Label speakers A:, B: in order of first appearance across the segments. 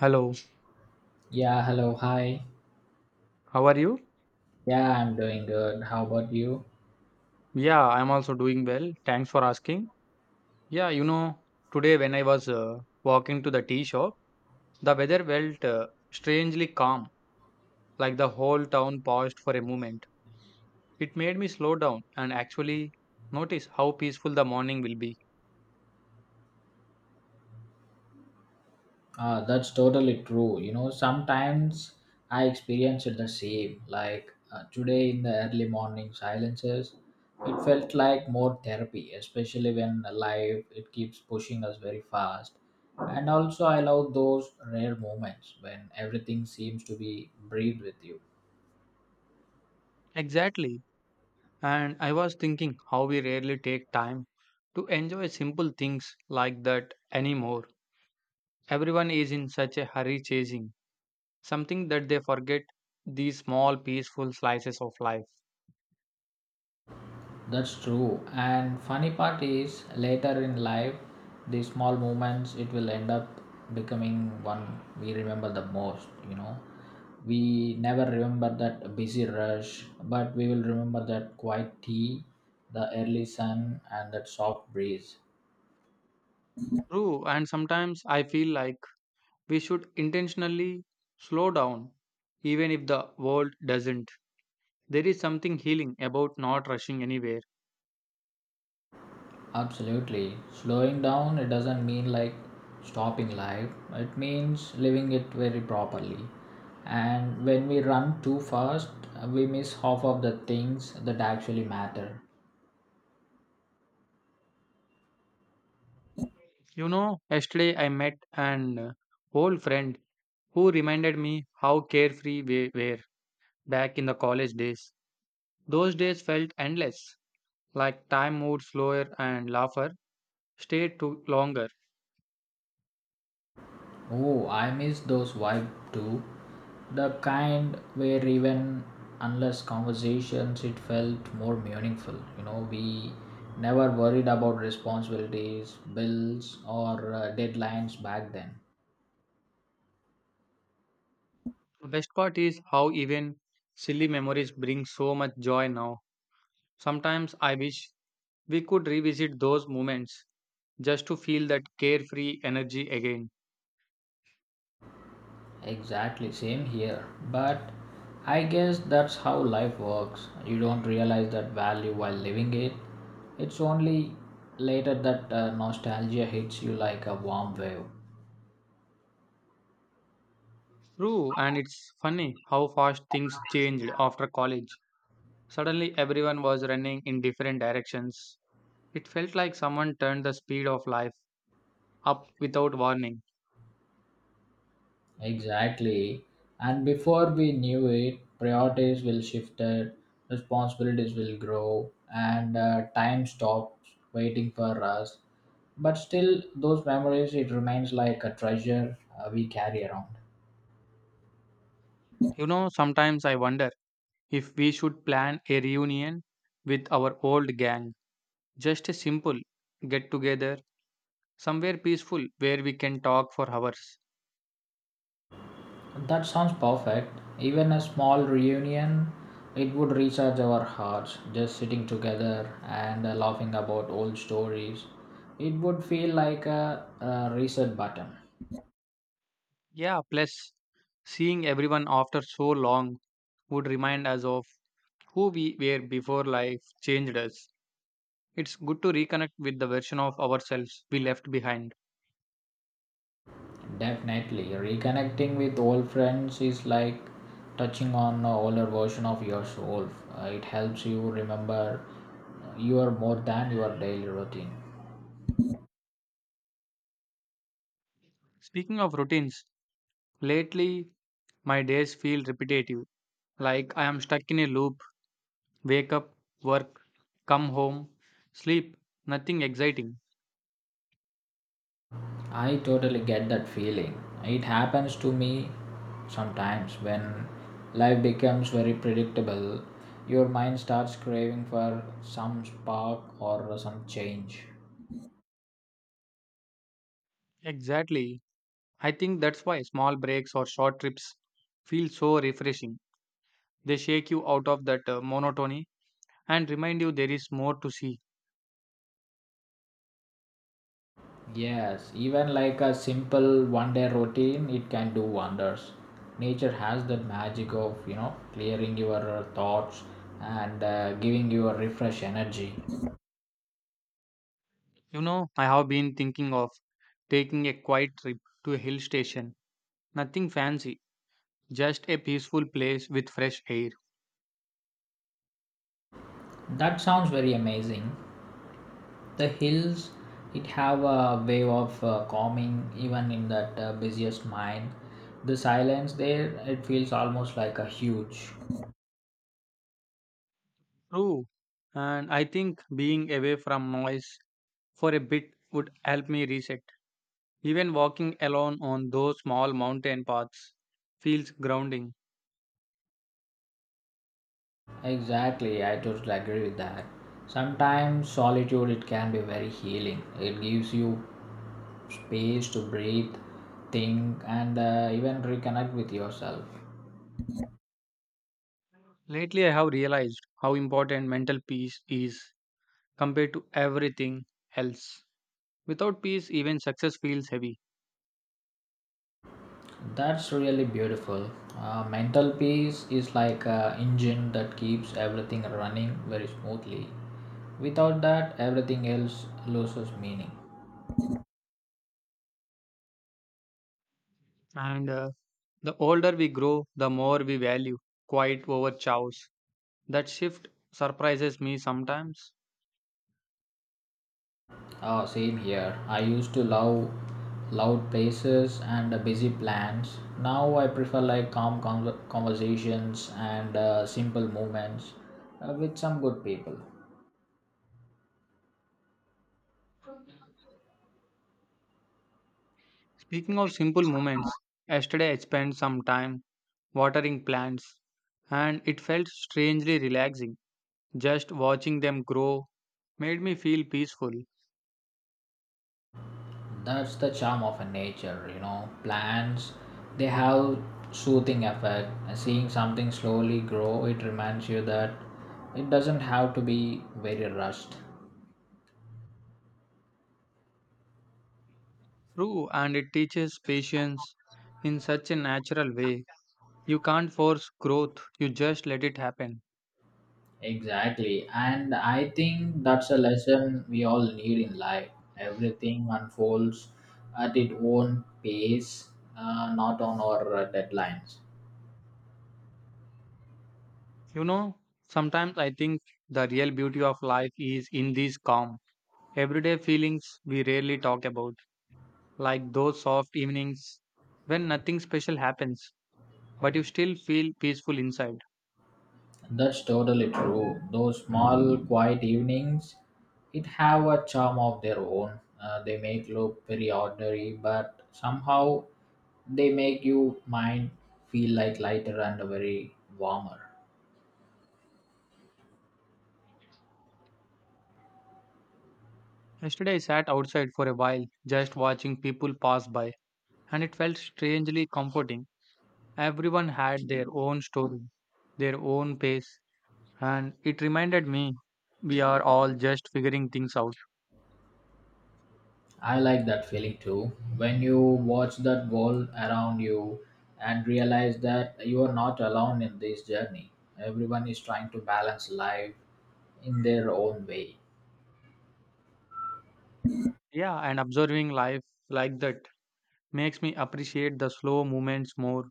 A: Hello,
B: Yeah, hello, hi.
A: how are you?
B: Yeah, I'm doing good. How about you?
A: Yeah, I'm also doing well. Thanks for asking. Yeah, you know, today when I was walking to the tea shop, the weather felt strangely calm, like the whole town paused for a moment. It made me slow down and actually notice how peaceful the morning will be.
B: That's totally true. You know, sometimes I experience it the same. Today in the early morning silences, it felt like more therapy, especially when life it keeps pushing us very fast. And also, I love those rare moments when everything seems to be breathe with you.
A: Exactly. And I was thinking how we rarely take time to enjoy simple things like that anymore. Everyone is in such a hurry chasing something that they forget these small peaceful slices of life.
B: That's true. And funny part is later in life, these small moments it will end up becoming one we remember the most. We never remember that busy rush, but we will remember that quiet tea, the early sun and that soft breeze.
A: True, and sometimes I feel like we should intentionally slow down, even if the world doesn't. There is something healing about not rushing anywhere.
B: Absolutely. Slowing down, it doesn't mean like stopping life, it means living it very properly. And when we run too fast, we miss half of the things that actually matter.
A: You know, yesterday I met an old friend who reminded me how carefree we were back in the college days. Those days felt endless, like time moved slower and laughter stayed too longer.
B: Oh, I miss those vibe too. The kind where even unless conversations, it felt more meaningful. You know, we never worried about responsibilities, bills, or deadlines back then.
A: The best part is how even silly memories bring so much joy now. Sometimes I wish we could revisit those moments just to feel that carefree energy again.
B: Exactly, same here. But I guess that's how life works. You don't realize that value while living it. It's only later that nostalgia hits you like a warm wave.
A: True, and it's funny how fast things changed after college. Suddenly, everyone was running in different directions. It felt like someone turned the speed of life up without warning.
B: Exactly. And before we knew it, priorities will shifted, responsibilities will grow, and time stops waiting for us. But still, those memories, it remains like a treasure we carry around.
A: You know, sometimes I wonder if we should plan a reunion with our old gang. Just a simple get together, somewhere peaceful where we can talk for hours.
B: That sounds perfect. Even a small reunion, it would recharge our hearts. Just sitting together and laughing about old stories, it would feel like a reset button.
A: Yeah, plus seeing everyone after so long would remind us of who we were before life changed us. It's good to reconnect with the version of ourselves we left behind.
B: Definitely, reconnecting with old friends is like touching on an older version of yourself. It helps you remember you are more than your daily routine.
A: Speaking of routines, lately my days feel repetitive. Like I am stuck in a loop, wake up, work, come home, sleep, nothing exciting.
B: I totally get that feeling. It happens to me sometimes when life becomes very predictable. Your mind starts craving for some spark or some change.
A: Exactly. I think that's why small breaks or short trips feel so refreshing. They shake you out of that monotony and remind you there is more to see.
B: Yes, even like a simple one day routine, it can do wonders. Nature has that magic of, you know, clearing your thoughts and giving you a refresh energy.
A: You know, I have been thinking of taking a quiet trip to a hill station. Nothing fancy, just a peaceful place with fresh air.
B: That sounds very amazing. The hills it have a way of calming even in that busiest mind, the silence there it feels almost like a huge.
A: True. And I think being away from noise for a bit would help me reset. Even walking alone on those small mountain paths feels grounding.
B: Exactly, I totally agree with that. Sometimes solitude it can be very healing. It gives you space to breathe, think and even reconnect with yourself.
A: Lately, I have realized how important mental peace is compared to everything else. Without peace, even success feels heavy.
B: That's really beautiful. Mental peace is like a engine that keeps everything running very smoothly. Without that, everything else loses meaning.
A: And the older we grow, the more we value quiet over chows. That shift surprises me sometimes.
B: Same here. I used to love loud places and busy plans. Now I prefer like calm conversations and simple movements with some good people.
A: Speaking of simple moments, yesterday I spent some time watering plants and it felt strangely relaxing. Just watching them grow made me feel peaceful.
B: That's the charm of a nature, you know. Plants, they have soothing effect. Seeing something slowly grow, it reminds you that it doesn't have to be very rushed.
A: True, and it teaches patience in such a natural way. You can't force growth, you just let it happen.
B: Exactly. And I think that's a lesson we all need in life. Everything unfolds at its own pace, not on our deadlines.
A: You know, sometimes I think the real beauty of life is in these calm, everyday feelings we rarely talk about, like those soft evenings when nothing special happens, but you still feel peaceful inside.
B: That's totally true. Those small, quiet evenings, it have a charm of their own. They make look very ordinary, but somehow they make you mind feel like lighter and very warmer.
A: Yesterday, I sat outside for a while, just watching people pass by, and it felt strangely comforting. Everyone had their own story, their own pace, and it reminded me we are all just figuring things out.
B: I like that feeling too. When you watch that world around you and realize that you are not alone in this journey. Everyone is trying to balance life in their own way.
A: Yeah, and observing life like that makes me appreciate the slow movements more.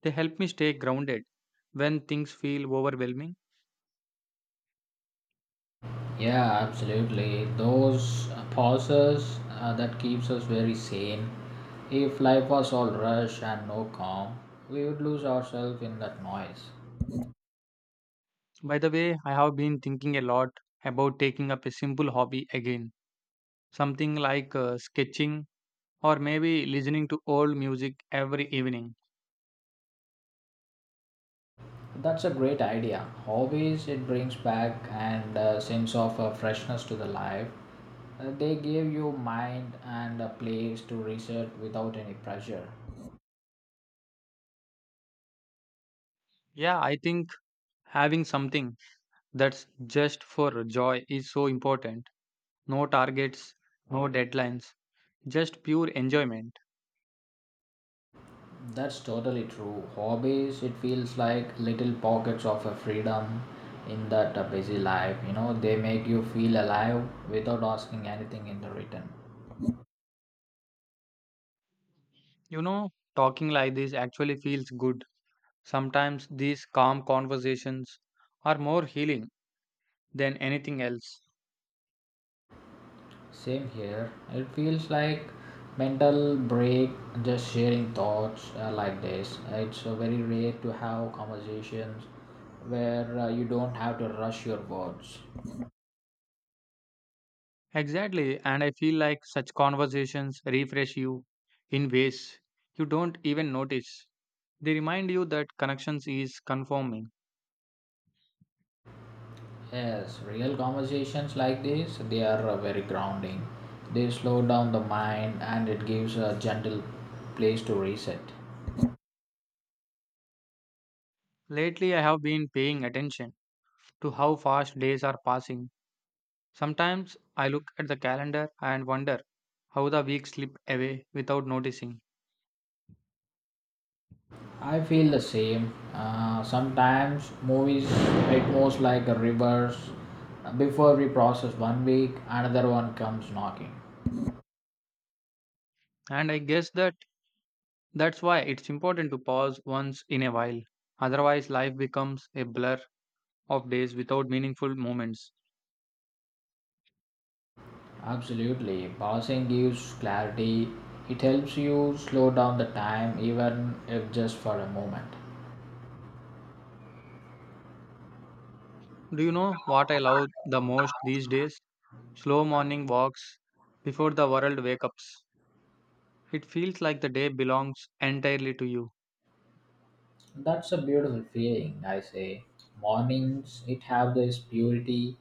A: They help me stay grounded when things feel overwhelming.
B: Yeah, absolutely. Those pauses that keeps us very sane. If life was all rush and no calm, we would lose ourselves in that noise.
A: By the way, I have been thinking a lot about taking up a simple hobby again, something like sketching or maybe listening to old music every evening.
B: That's a great idea. Hobbies it brings back and sense of freshness to the life. They give you mind and a place to reset without any pressure.
A: Yeah, I think having something that's just for joy is so important. No targets, no deadlines, just pure enjoyment.
B: That's totally true. Hobbies, it feels like little pockets of a freedom in that busy life. You know, they make you feel alive without asking anything in the return.
A: You know, talking like this actually feels good. Sometimes these calm conversations are more healing than anything else.
B: Same here. It feels like mental break, just sharing thoughts like this. It's very rare to have conversations where you don't have to rush your words.
A: Exactly, and I feel like such conversations refresh you in ways you don't even notice. They remind you that connections is conforming.
B: Yes, real conversations like this, they are very grounding. They slow down the mind and it gives a gentle place to reset.
A: Lately, I have been paying attention to how fast days are passing. Sometimes I look at the calendar and wonder how the weeks slip away without noticing.
B: I feel the same. Sometimes movies, it moves like a reverse. Before we process one week, another one comes knocking.
A: And I guess that's why it's important to pause once in a while. Otherwise, life becomes a blur of days without meaningful moments.
B: Absolutely. Pausing gives clarity. It helps you slow down the time even if just for a moment.
A: Do you know what I love the most these days? Slow morning walks before the world wakes up. It feels like the day belongs entirely to you.
B: That's a beautiful feeling, I say. Mornings, it have this purity.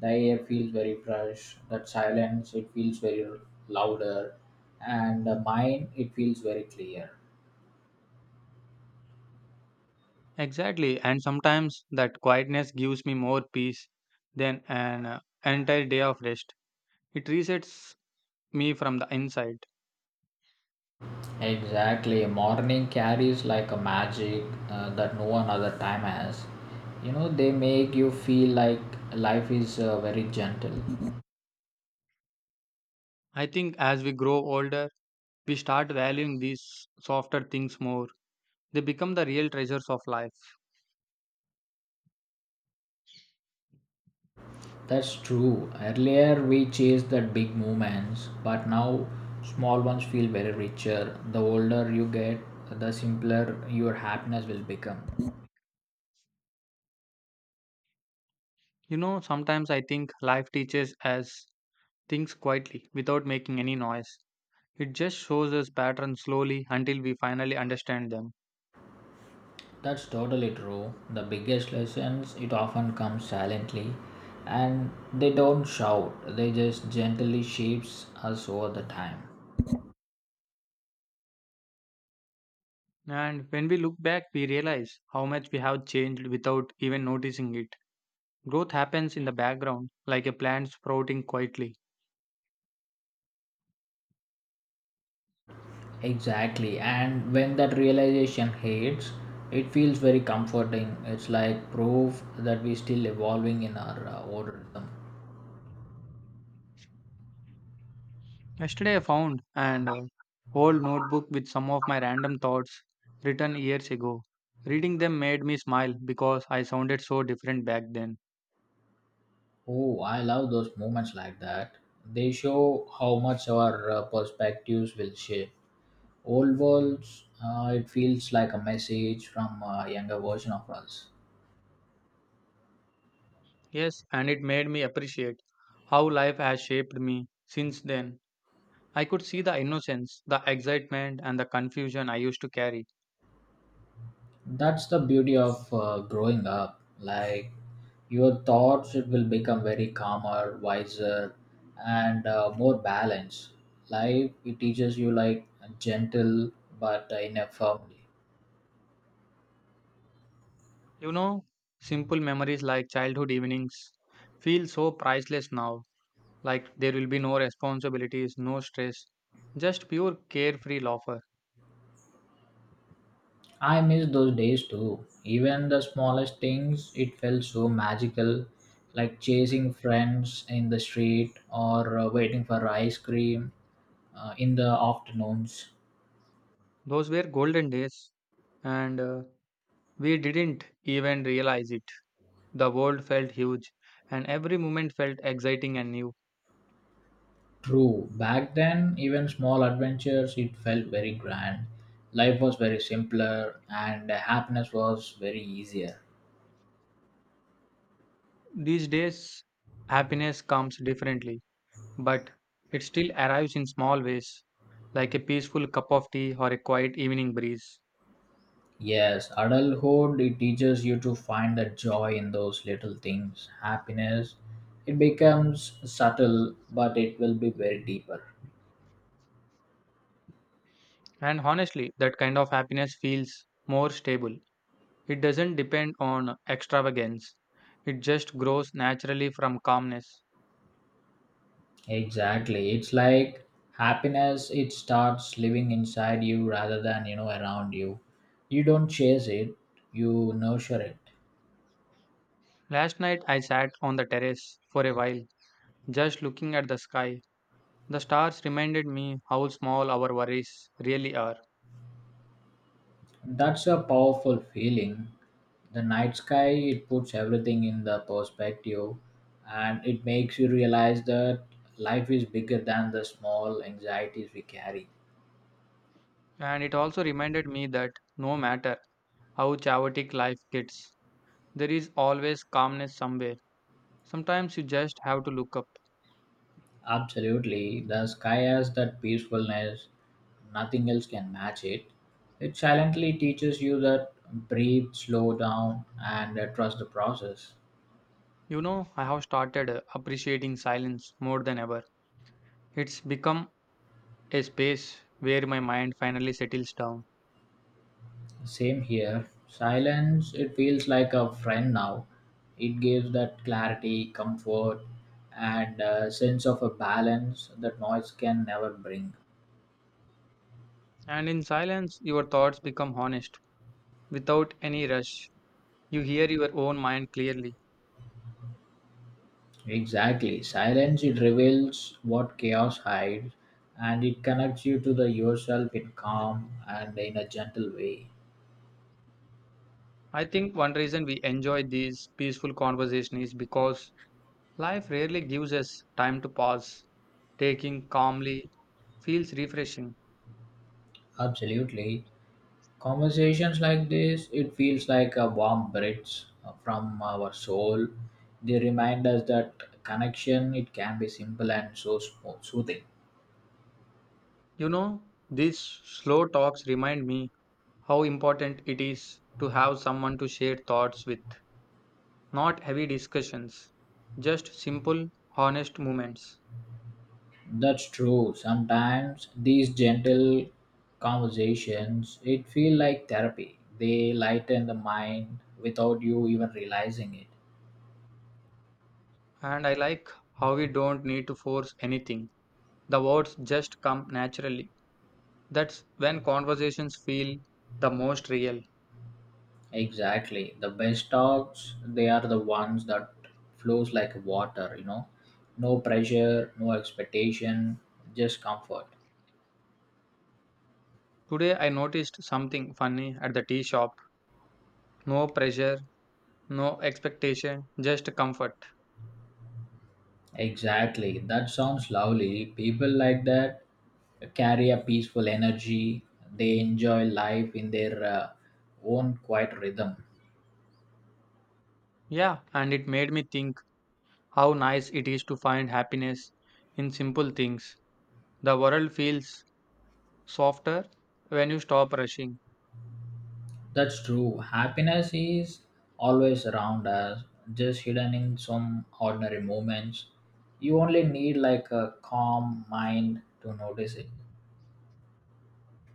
B: The air feels very fresh. That silence, it feels very louder, and the mind, it feels very clear.
A: Exactly, and sometimes that quietness gives me more peace than an entire day of rest. It resets me from the inside.
B: Exactly, morning carries like a magic that no one other time has. You know, they make you feel like life is very gentle.
A: I think as we grow older, we start valuing these softer things more. They become the real treasures of life.
B: That's true. Earlier we chased the big movements, but now small ones feel very richer. The older you get, the simpler your happiness will become.
A: You know, sometimes I think life teaches us things quietly without making any noise. It just shows us patterns slowly until we finally understand them.
B: That's totally true. The biggest lessons it often comes silently and they don't shout. They just gently shapes us over the time.
A: And when we look back, we realize how much we have changed without even noticing it. Growth happens in the background, like a plant sprouting quietly.
B: Exactly. And when that realization hits, it feels very comforting. It's like proof that we're still evolving in our own rhythm.
A: Yesterday, I found an old notebook with some of my random thoughts written years ago. Reading them made me smile because I sounded so different back then.
B: Oh, I love those moments like that. They show how much our perspectives will shape. Old worlds, it feels like a message from a younger version of us.
A: Yes, and it made me appreciate how life has shaped me since then. I could see the innocence, the excitement, and the confusion I used to carry.
B: That's the beauty of growing up. Like your thoughts, it will become very calmer, wiser, and more balanced. Life, it teaches you like gentle but in a firm way.
A: You know, simple memories like childhood evenings feel so priceless now. Like there will be no responsibilities, no stress, just pure carefree laughter.
B: I miss those days too. Even the smallest things, it felt so magical, like chasing friends in the street or waiting for ice cream in the afternoons.
A: Those were golden days, and we didn't even realize it. The world felt huge, and every moment felt exciting and new.
B: True, back then, even small adventures, it felt very grand. Life was very simpler and happiness was very easier.
A: These days, happiness comes differently, but it still arrives in small ways, like a peaceful cup of tea or a quiet evening breeze.
B: Yes, adulthood it teaches you to find the joy in those little things. Happiness it becomes subtle but it will be very deeper.
A: And honestly, that kind of happiness feels more stable. It doesn't depend on extravagance, it just grows naturally from calmness.
B: Exactly. It's like happiness it starts living inside you rather than, you know, around you. You don't chase it, you nurture it.
A: Last night, I sat on the terrace for a while, just looking at the sky. The stars reminded me how small our worries really are,
B: That's a powerful feeling. The night sky, it puts everything in the perspective and it makes you realize that life is bigger than the small anxieties we carry.
A: and it also reminded me that no matter how chaotic life gets, there is always calmness somewhere. Sometimes you just have to look up.
B: Absolutely. The sky has that peacefulness. Nothing else can match it. It silently teaches you that breathe, slow down, and trust the process.
A: You know, I have started appreciating silence more than ever. It's become a space where my mind finally settles down.
B: Same here. Silence, it feels like a friend now. It gives that clarity, comfort, and a sense of a balance that noise can never bring.
A: And in silence, your thoughts become honest without any rush. You hear your own mind clearly.
B: Exactly. Silence, it reveals what chaos hides and it connects you to the yourself in calm and in a gentle way.
A: I think one reason we enjoy these peaceful conversations is because life rarely gives us time to pause. Taking calmly feels refreshing.
B: Absolutely. Conversations like this, it feels like a warm breath from our soul. They remind us that connection, it can be simple and so soothing.
A: You know, these slow talks remind me how important it is to have someone to share thoughts with. Not heavy discussions, just simple, honest moments.
B: That's true. Sometimes these gentle conversations, it feel like therapy. They lighten the mind without you even realizing it.
A: And I like how we don't need to force anything. The words just come naturally. That's when conversations feel the most real.
B: Exactly. The best talks, they are the ones that flows like water, you know. No pressure, no expectation, just comfort.
A: Today I noticed something funny at the tea shop. No pressure, no expectation, just comfort.
B: Exactly. That sounds lovely. People like that carry a peaceful energy. They enjoy life in their own quiet rhythm.
A: Yeah, and it made me think how nice it is to find happiness in simple things. The world feels softer when you stop rushing.
B: That's true. Happiness is always around us, just hidden in some ordinary moments. You only need like a calm mind to notice it.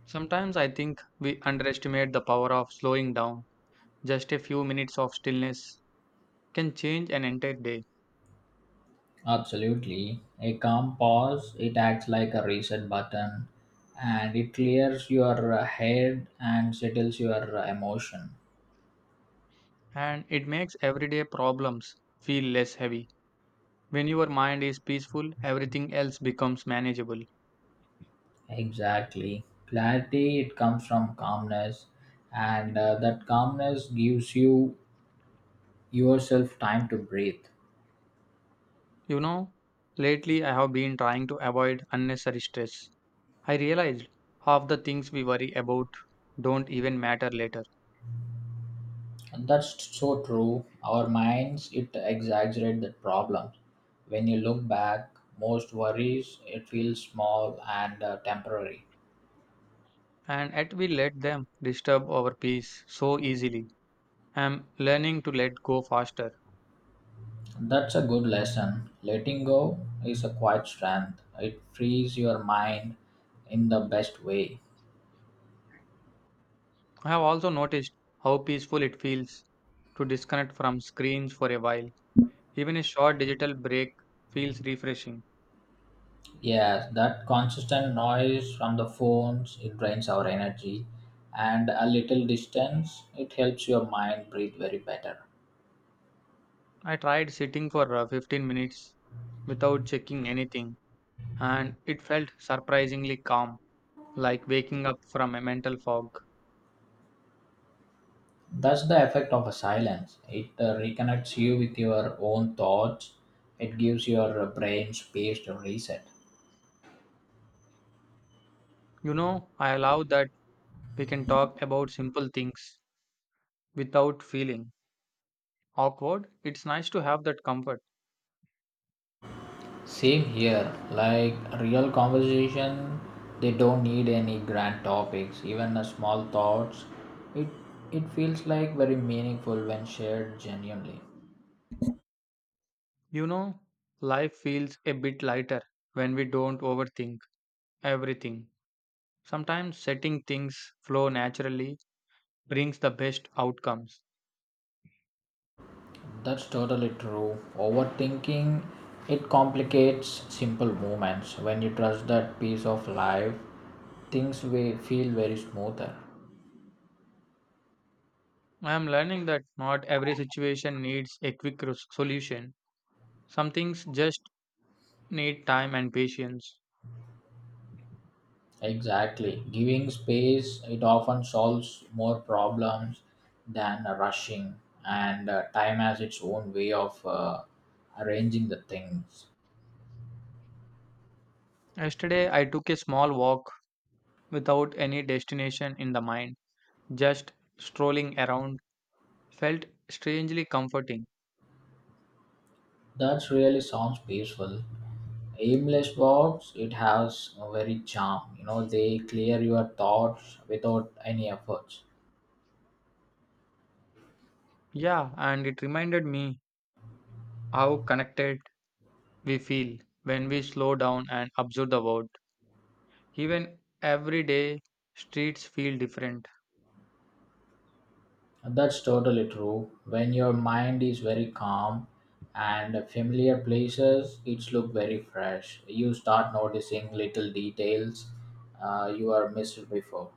A: Sometimes I think we underestimate the power of slowing down. Just a few minutes of stillness can change an entire day,
B: Absolutely. A calm pause, it acts like a reset button and it clears your head and settles your emotion.
A: and it makes everyday problems feel less heavy. When your mind is peaceful, everything else becomes manageable.
B: Exactly. Clarity, it comes from calmness, and that calmness gives you yourself time to breathe.
A: You know, lately I have been trying to avoid unnecessary stress. I realized half the things we worry about don't even matter later.
B: And that's so true. Our minds, it exaggerate the problem. When you look back, most worries, it feels small and temporary.
A: And yet we let them disturb our peace so easily. I'm learning to let go faster.
B: That's a good lesson. Letting go is a quiet strength. It frees your mind in the best way.
A: I have also noticed how peaceful it feels to disconnect from screens for a while. Even a short digital break feels refreshing.
B: Yes, that consistent noise from the phones, it drains our energy. And a little distance, it helps your mind breathe very better.
A: I tried sitting for 15 minutes without checking anything, and it felt surprisingly calm, like waking up from a mental fog.
B: That's the effect of a silence. It reconnects you with your own thoughts. It gives your brain space to reset.
A: You know, I allow that we can talk about simple things without feeling awkward. It's nice to have that comfort.
B: Same here, like real conversation, they don't need any grand topics, even a small thoughts. It it feels like very meaningful when shared genuinely.
A: You know, life feels a bit lighter when we don't overthink everything. Sometimes setting things flow naturally brings the best outcomes.
B: That's totally true. Overthinking it complicates simple movements. When you trust that piece of life, things will feel very smoother.
A: I am learning that not every situation needs a quick solution. Some things just need time and patience.
B: Exactly. Giving space it often solves more problems than rushing, and time has its own way of arranging the things.
A: Yesterday, I took a small walk without any destination in the mind, just strolling around felt strangely comforting.
B: That really sounds peaceful. Aimless walks it has a very charm. You know they clear your thoughts without any efforts.
A: Yeah, and it reminded me how connected we feel when we slow down and observe the world. Even everyday streets feel different.
B: That's totally true. When your mind is very calm and familiar places, it look very fresh. You start noticing little details you are missed before.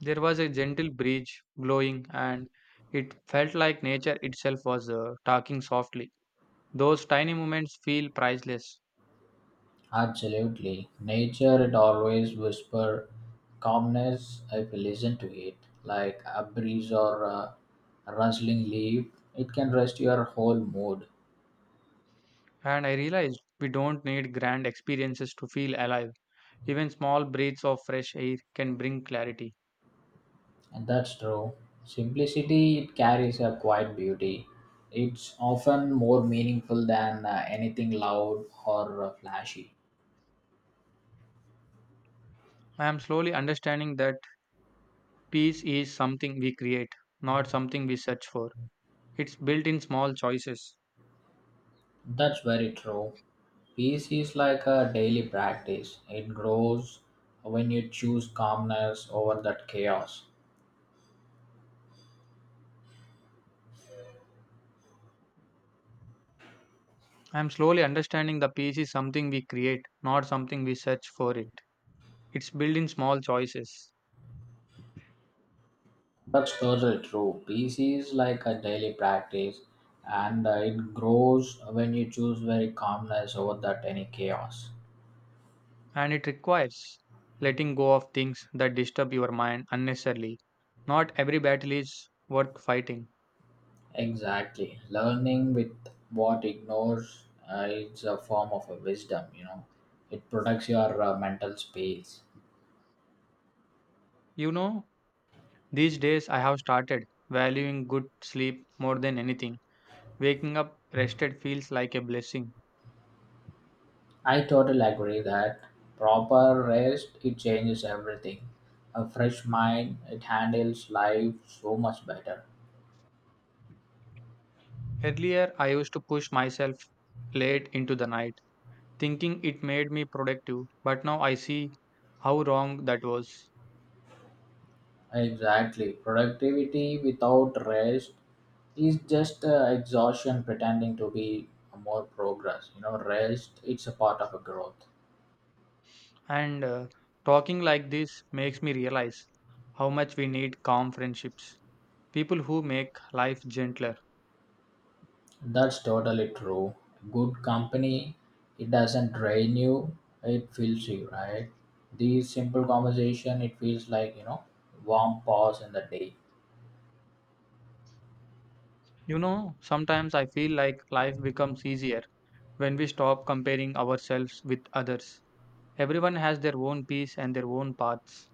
A: There was a gentle breeze blowing, and it felt like nature itself was talking softly. Those tiny moments feel priceless,
B: Absolutely. Nature it always whisper calmness if you listen to it. Like a breeze or a rustling leaf, it can rest your whole mood.
A: and I realized we don't need grand experiences to feel alive. Even small breaths of fresh air can bring clarity.
B: And that's true. Simplicity it carries a quiet beauty. It's often more meaningful than anything loud or flashy.
A: I am slowly understanding that peace is something we create, not something we search for. It's built in small choices.
B: That's very true. Peace is like a daily practice. It grows when you choose calmness over that chaos.
A: I'm slowly understanding the peace is something we create, not something we search for it. It's built in small choices,
B: That's totally true. Peace is like a daily practice, and it grows when you choose very calmness over that any chaos.
A: and it requires letting go of things that disturb your mind unnecessarily. Not every battle is worth fighting.
B: Exactly. Learning with what ignores is a form of a wisdom, you know. It protects your mental space.
A: You know, these days I have started valuing good sleep more than anything. Waking up rested feels like a blessing.
B: I totally agree that proper rest it changes everything. A fresh mind it handles life so much better.
A: Earlier, I used to push myself late into the night, thinking it made me productive, but now I see how wrong that was.
B: Exactly. Productivity without rest is just exhaustion pretending to be more progress. You know, rest it's a part of a growth.
A: And talking like this makes me realize how much we need calm friendships, people who make life gentler.
B: That's totally true. Good company, it doesn't drain you, it fills you, right? These simple conversation, it feels like, you know, warm pause in the day.
A: You know, sometimes I feel like life becomes easier when we stop comparing ourselves with others. Everyone has their own pace and their own paths.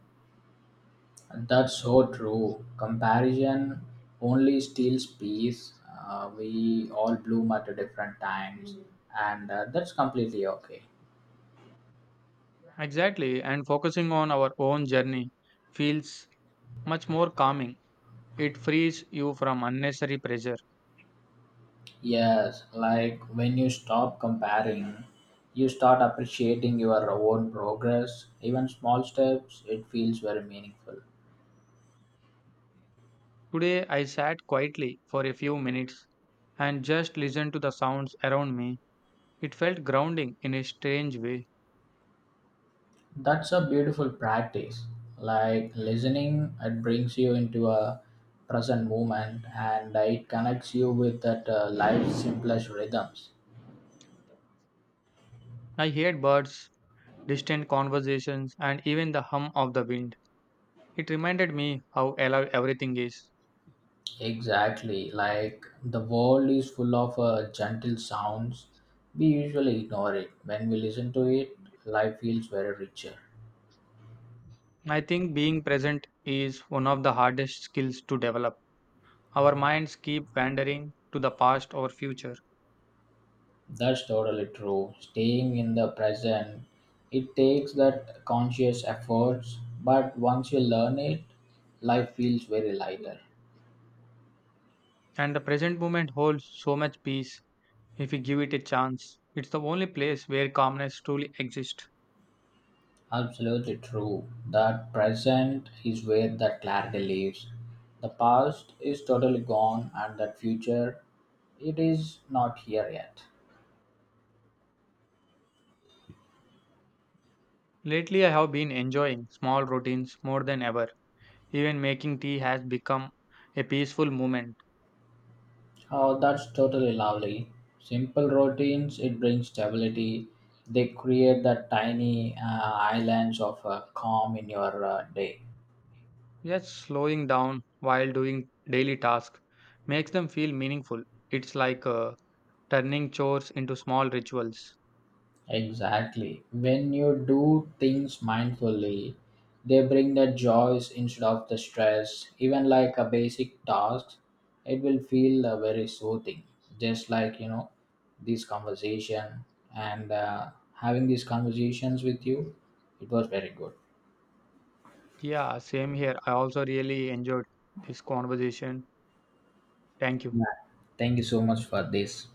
B: And that's so true. Comparison only steals peace. We all bloom at different times, and that's completely okay.
A: Exactly, and focusing on our own journey feels much more calming. It frees you from unnecessary pressure.
B: Yes, like when you stop comparing, you start appreciating your own progress. Even small steps, it feels very meaningful.
A: Today, I sat quietly for a few minutes and just listened to the sounds around me. It felt grounding in a strange way.
B: That's a beautiful practice. Like listening, it brings you into a present moment and it connects you with that life's simplest rhythms.
A: I heard birds, distant conversations, and even the hum of the wind. It reminded me how alive everything is.
B: Exactly. Like the world is full of gentle sounds. We usually ignore it. When we listen to it, life feels very richer.
A: I think being present is one of the hardest skills to develop. Our minds keep wandering to the past or future,
B: That's totally true. Staying in the present, it takes that conscious efforts, but once you learn it, life feels very lighter.
A: and the present moment holds so much peace if we give it a chance. It's the only place where calmness truly exists.
B: Absolutely true. That present is where the clarity lives. The past is totally gone, and that future, it is not here yet.
A: Lately, I have been enjoying small routines more than ever. Even making tea has become a peaceful moment.
B: Oh, that's totally lovely. Simple routines, it brings stability. They create the tiny islands of calm in your day.
A: Yes, slowing down while doing daily tasks makes them feel meaningful. It's like turning chores into small rituals.
B: Exactly. When you do things mindfully, they bring the joys instead of the stress. Even like a basic task, it will feel very soothing. Just like you know, this conversation and having these conversations with you, it was very good.
A: Yeah, same here. I also really enjoyed this conversation. Thank you.
B: Yeah. Thank you so much for this.